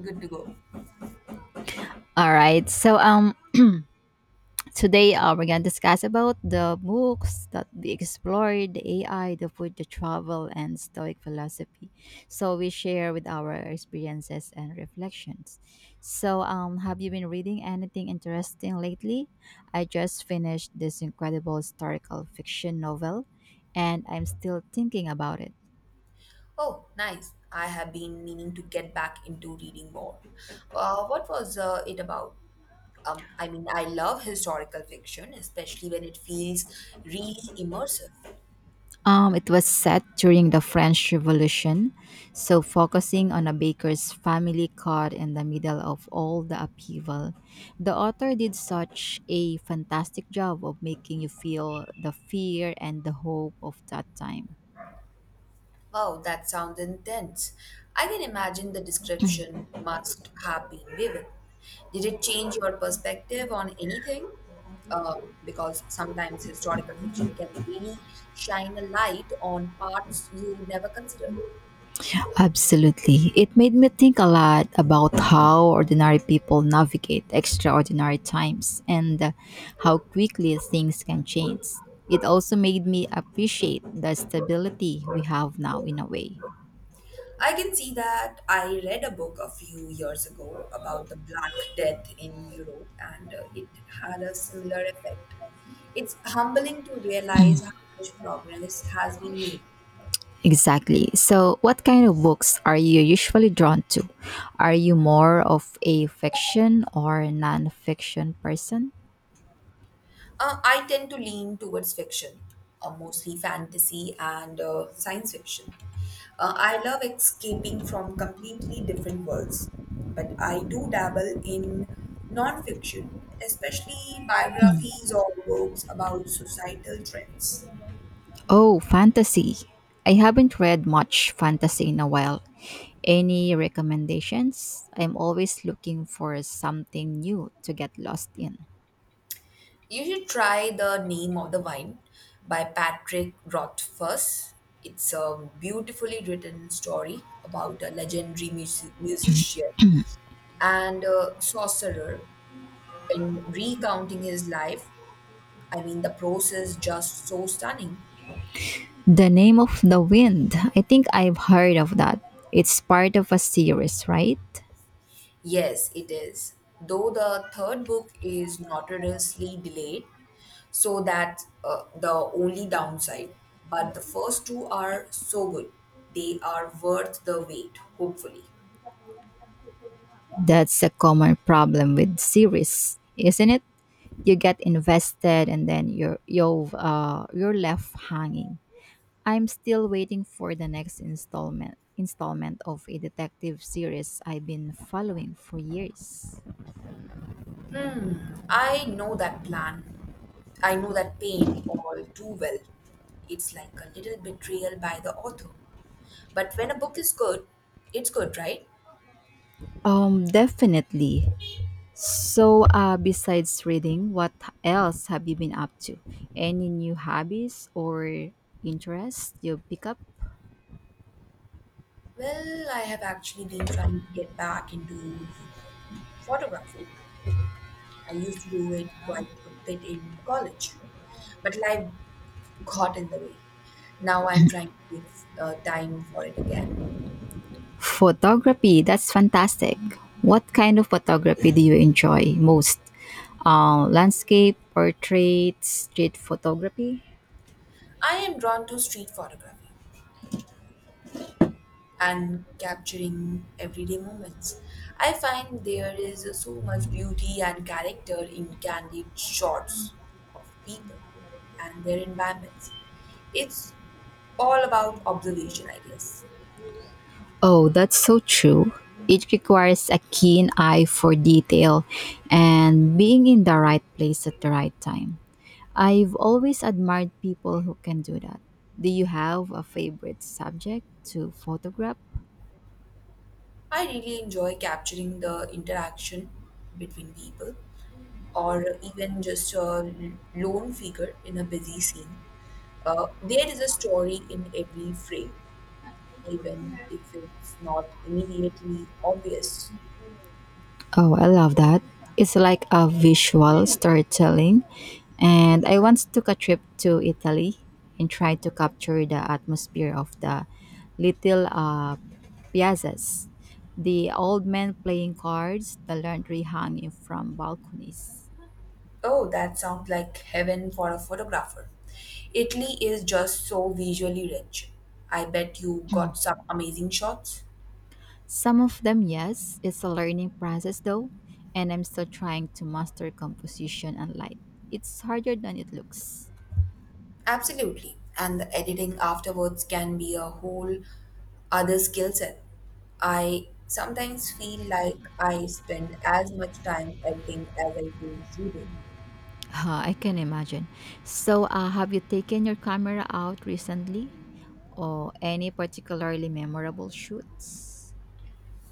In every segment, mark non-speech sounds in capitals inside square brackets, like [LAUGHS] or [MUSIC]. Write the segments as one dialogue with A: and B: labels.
A: Good to go.
B: All right. So [CLEARS THROAT] today we're gonna discuss about the books that we explored, the AI, the food, the travel, and Stoic philosophy. So we share with our experiences and reflections. So, have you been reading anything interesting lately? I just finished this incredible historical fiction novel, and I'm still thinking about it.
A: Oh, nice. I have been meaning to get back into reading more. What was it about? I mean, I love historical fiction, especially when it feels really immersive.
B: It was set during the French Revolution, so focusing on a baker's family caught in the middle of all the upheaval. The author did such a fantastic job of making you feel the fear and the hope of that time.
A: Wow, that sounds intense. I can imagine the description must have been vivid. Did it change your perspective on anything? Because sometimes historical fiction can really shine a light on parts you never considered.
B: Absolutely. It made me think a lot about how ordinary people navigate extraordinary times and how quickly things can change. It also made me appreciate the stability we have now in a way.
A: I can see that I read a book a few years ago about the Black Death in Europe, and it had a similar effect. It's humbling to realize how much progress has been made.
B: Exactly. So, what kind of books are you usually drawn to? Are you more of a fiction or non-fiction person?
A: I tend to lean towards fiction, mostly fantasy and science fiction. I love escaping from completely different worlds, but I do dabble in non fiction, especially biographies or books about societal trends.
B: Oh, fantasy. I haven't read much fantasy in a while. Any recommendations? I'm always looking for something new to get lost in.
A: You should try The Name of the Wine by Patrick Rothfuss. It's a beautifully written story about a legendary musician and a sorcerer in recounting his life. I mean, the prose is just so stunning.
B: The Name of the Wind. I think I've heard of that. It's part of a series, right?
A: Yes, it is. Though the third book is notoriously delayed, so that the only downside. But the first two are so good. They are worth the wait, hopefully.
B: That's a common problem with series, isn't it? You get invested and then you're left hanging. I'm still waiting for the next installment of a detective series I've been following for years.
A: Hmm, I know that plan. I know that pain all too well. It's like a little betrayal by the author. But when a book is good, it's good, right?
B: Definitely. So, besides reading, what else have you been up to? Any new hobbies or interests you pick up?
A: Well, I have actually been trying to get back into photography. I used to do it quite a bit in college, but life got in the way. Now I'm trying to make time for it again.
B: Photography, that's fantastic. What kind of photography do you enjoy most? Landscape, portrait, street photography.
A: I am drawn to street photography and capturing everyday moments. I find there is so much beauty and character in candid shots of people and their environments. It's all about observation, I guess.
B: Oh, that's so true. It requires a keen eye for detail and being in the right place at the right time. I've always admired people who can do that. Do you have a favorite subject to photograph?
A: I really enjoy capturing the interaction between people or even just a lone figure in a busy scene. There is a story in every frame, even if it's not immediately obvious.
B: Oh, I love that. It's like a visual storytelling. And I once took a trip to Italy and tried to capture the atmosphere of the little piazzas, the old men playing cards, the laundry hanging from balconies.
A: Oh, that sounds like heaven for a photographer. Italy is just so visually rich. I bet you got some amazing shots.
B: Some of them, yes, it's a learning process though, and I'm still trying to master composition and light. It's harder than it looks.
A: Absolutely. And the editing afterwards can be a whole other skill set. I sometimes feel like I spend as much time editing as I do shooting.
B: Huh, I can imagine. So, have you taken your camera out recently, or any particularly memorable shoots?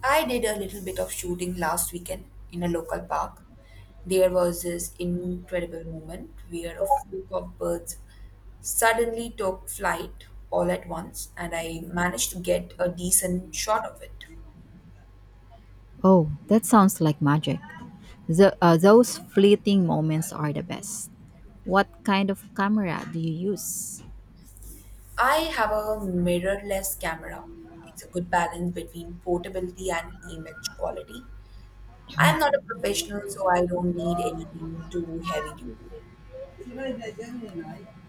A: I did a little bit of shooting last weekend in a local park. There was this incredible moment where a flock of birds suddenly took flight all at once, and I managed to get a decent shot of it.
B: Oh, that sounds like magic. The, those fleeting moments are the best. What kind of camera do you use?
A: I have a mirrorless camera. It's a good balance between portability and image quality. I'm not a professional, so I don't need anything too heavy duty.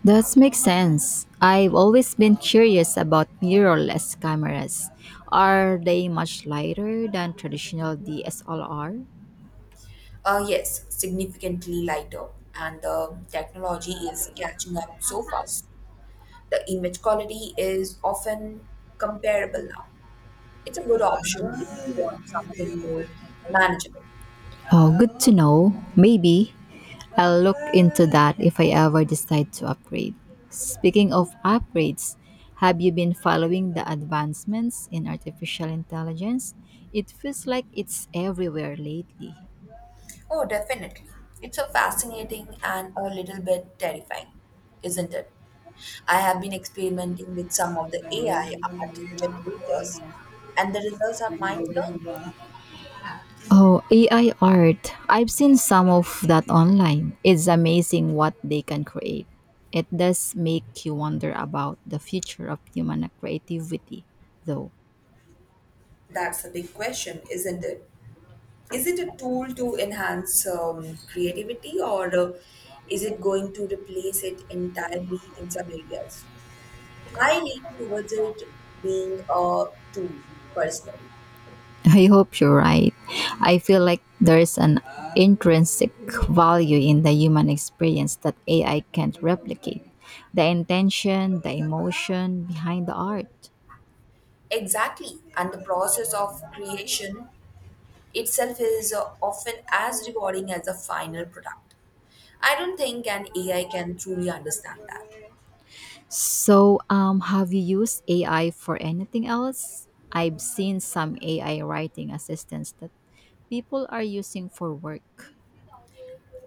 B: That makes sense. I've always been curious about mirrorless cameras. Are they much lighter than traditional DSLR?
A: Yes, significantly lighter, and the technology is catching up so fast. The image quality is often comparable now. It's a good option if you want something more manageable.
B: Oh, good to know. Maybe I'll look into that if I ever decide to upgrade. Speaking of upgrades, have you been following the advancements in artificial intelligence? It feels like it's everywhere lately.
A: Oh, definitely. It's a fascinating and a little bit terrifying, isn't it? I have been experimenting with some of the AI art generators, and the results are mind blowing.
B: Oh, AI art. I've seen some of that online. It's amazing what they can create. It does make you wonder about the future of human creativity, though.
A: That's a big question, isn't it? Is it a tool to enhance creativity, or is it going to replace it entirely in some areas? I lean towards it being a tool personally.
B: I hope you're right. I feel like there's an intrinsic value in the human experience that AI can't replicate. The intention, the emotion behind the art.
A: Exactly. And the process of creation itself is often as rewarding as the final product. I don't think an AI can truly understand that.
B: So, have you used AI for anything else? I've seen some AI writing assistants that people are using for work.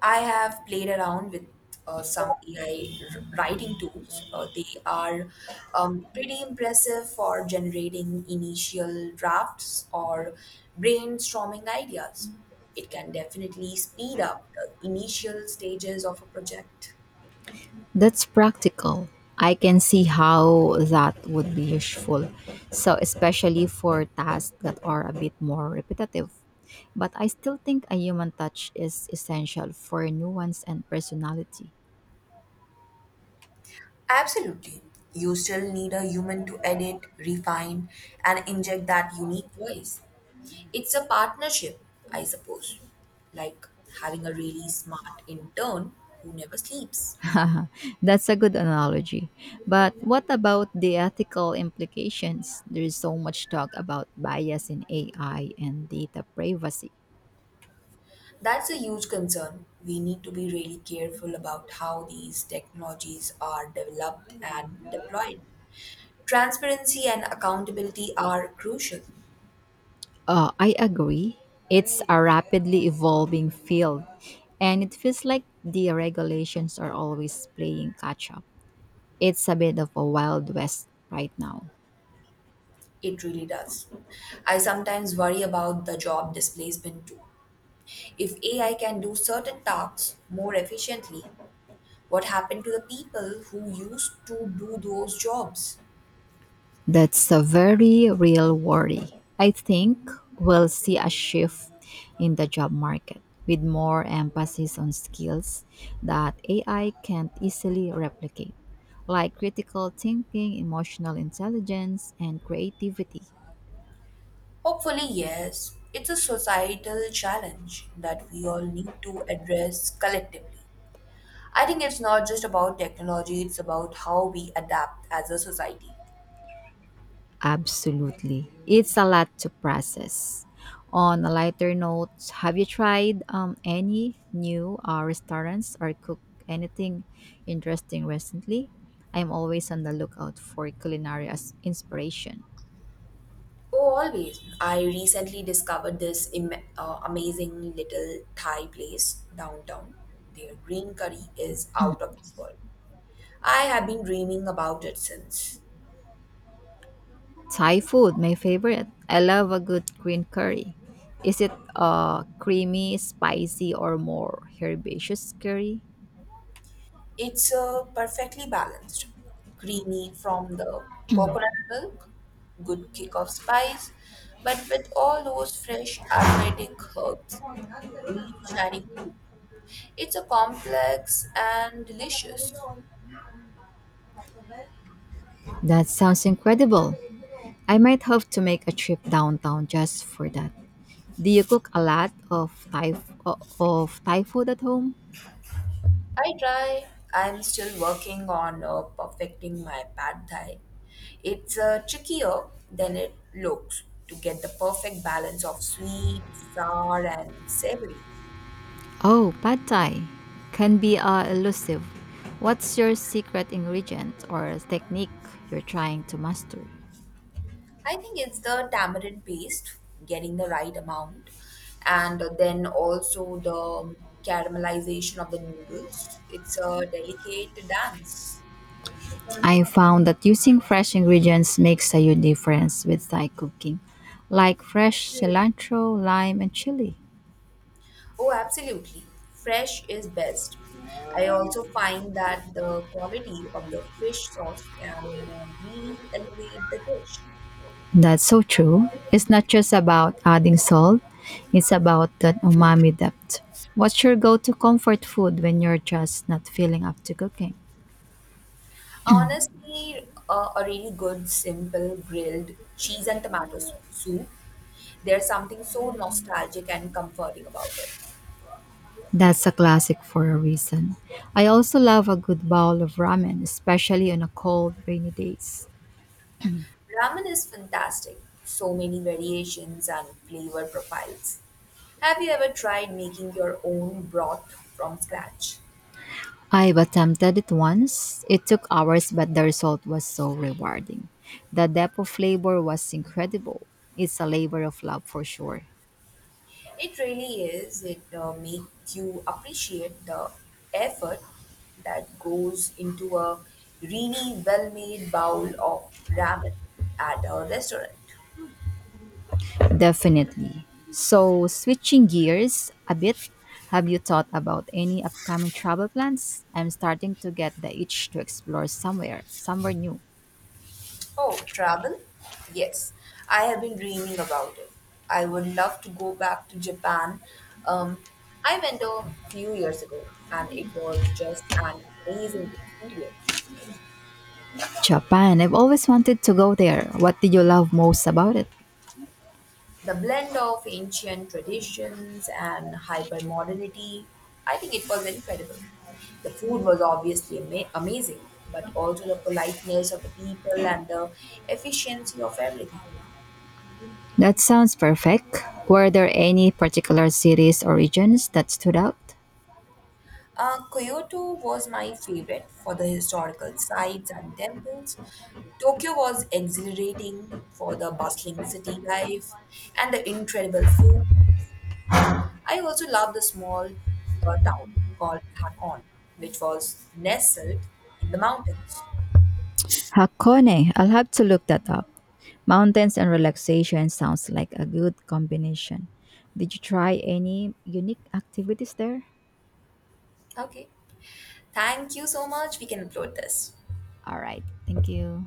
A: I have played around with some AI writing tools. They are pretty impressive for generating initial drafts or brainstorming ideas. It can definitely speed up the initial stages of a project.
B: That's practical. I can see how that would be useful. So, especially for tasks that are a bit more repetitive. But I still think a human touch is essential for nuance and personality.
A: Absolutely. You still need a human to edit, refine, and inject that unique voice. It's a partnership, I suppose, like having a really smart intern who never sleeps.
B: [LAUGHS] That's a good analogy. But what about the ethical implications? There is so much talk about bias in AI and data privacy.
A: That's a huge concern. We need to be really careful about how these technologies are developed and deployed. Transparency and accountability are crucial.
B: I agree. It's a rapidly evolving field, and it feels like the regulations are always playing catch up. It's a bit of a wild west right now.
A: It really does. I sometimes worry about the job displacement too. If AI can do certain tasks more efficiently, what happened to the people who used to do those jobs?
B: That's a very real worry. I think we'll see a shift in the job market with more emphasis on skills that AI can't easily replicate, like critical thinking, emotional intelligence, and creativity.
A: Hopefully, yes, it's a societal challenge that we all need to address collectively. I think it's not just about technology, it's about how we adapt as a society.
B: Absolutely. It's a lot to process. On a lighter note, have you tried any new restaurants or cook anything interesting recently? I'm always on the lookout for culinary as inspiration.
A: Oh, always. I recently discovered this amazing little Thai place downtown. Their green curry is out of this world. I have been dreaming about it since.
B: Thai food, my favorite. I love a good green curry. Is it creamy, spicy, or more herbaceous curry?
A: It's perfectly balanced, creamy from the coconut milk, good kick of spice, but with all those fresh aromatic herbs really shining through. It's a complex and delicious.
B: That sounds incredible. I might have to make a trip downtown just for that. Do you cook a lot of of Thai food at home?
A: I try. I'm still working on perfecting my pad thai. It's trickier than it looks to get the perfect balance of sweet, sour, and savory.
B: Oh, pad Thai can be elusive. What's your secret ingredient or technique you're trying to master?
A: I think it's the tamarind paste, getting the right amount, and then also the caramelization of the noodles. It's a delicate dance.
B: I found that using fresh ingredients makes a huge difference with Thai cooking, like fresh cilantro, lime, and chili.
A: Oh, absolutely. Fresh is best. I also find that the quality of the fish sauce can really elevate the dish.
B: That's so true. It's not just about adding salt, it's about that umami depth. What's your go to comfort food when you're just not feeling up to cooking?
A: Honestly, a really good, simple grilled cheese and tomato soup. There's something so nostalgic and comforting about it.
B: That's a classic for a reason. I also love a good bowl of ramen, especially on a cold, rainy days.
A: Ramen is fantastic. So many variations and flavor profiles. Have you ever tried making your own broth from scratch?
B: I've attempted it once. It took hours, but the result was so rewarding. The depth of flavor was incredible. It's a labor of love for sure.
A: It really is. It makes you appreciate the effort that goes into a really well made bowl of ramen at a restaurant.
B: Definitely. So, switching gears a bit, have you thought about any upcoming travel plans? I'm starting to get the itch to explore somewhere, somewhere new.
A: Oh, travel? Yes, I have been dreaming about it. I would love to go back to Japan. Um, I went a few years ago and it was just an amazing experience.
B: Japan. I've always wanted to go there. What did you love most about it?
A: The blend of ancient traditions and hyper modernity, I think it was incredible. The food was obviously amazing, but also the politeness of the people and the efficiency of everything.
B: That sounds perfect. Were there any particular cities or regions that stood out?
A: Kyoto was my favorite for the historical sites and temples. Tokyo was exhilarating for the bustling city life and the incredible food. I also loved the small town called Hakon, which was nestled in the mountains.
B: Hakone. I'll have to look that up. Mountains and relaxation sounds like a good combination. Did you try any unique activities there?
A: Okay, thank you so much. We can upload this.
B: All right. Thank you.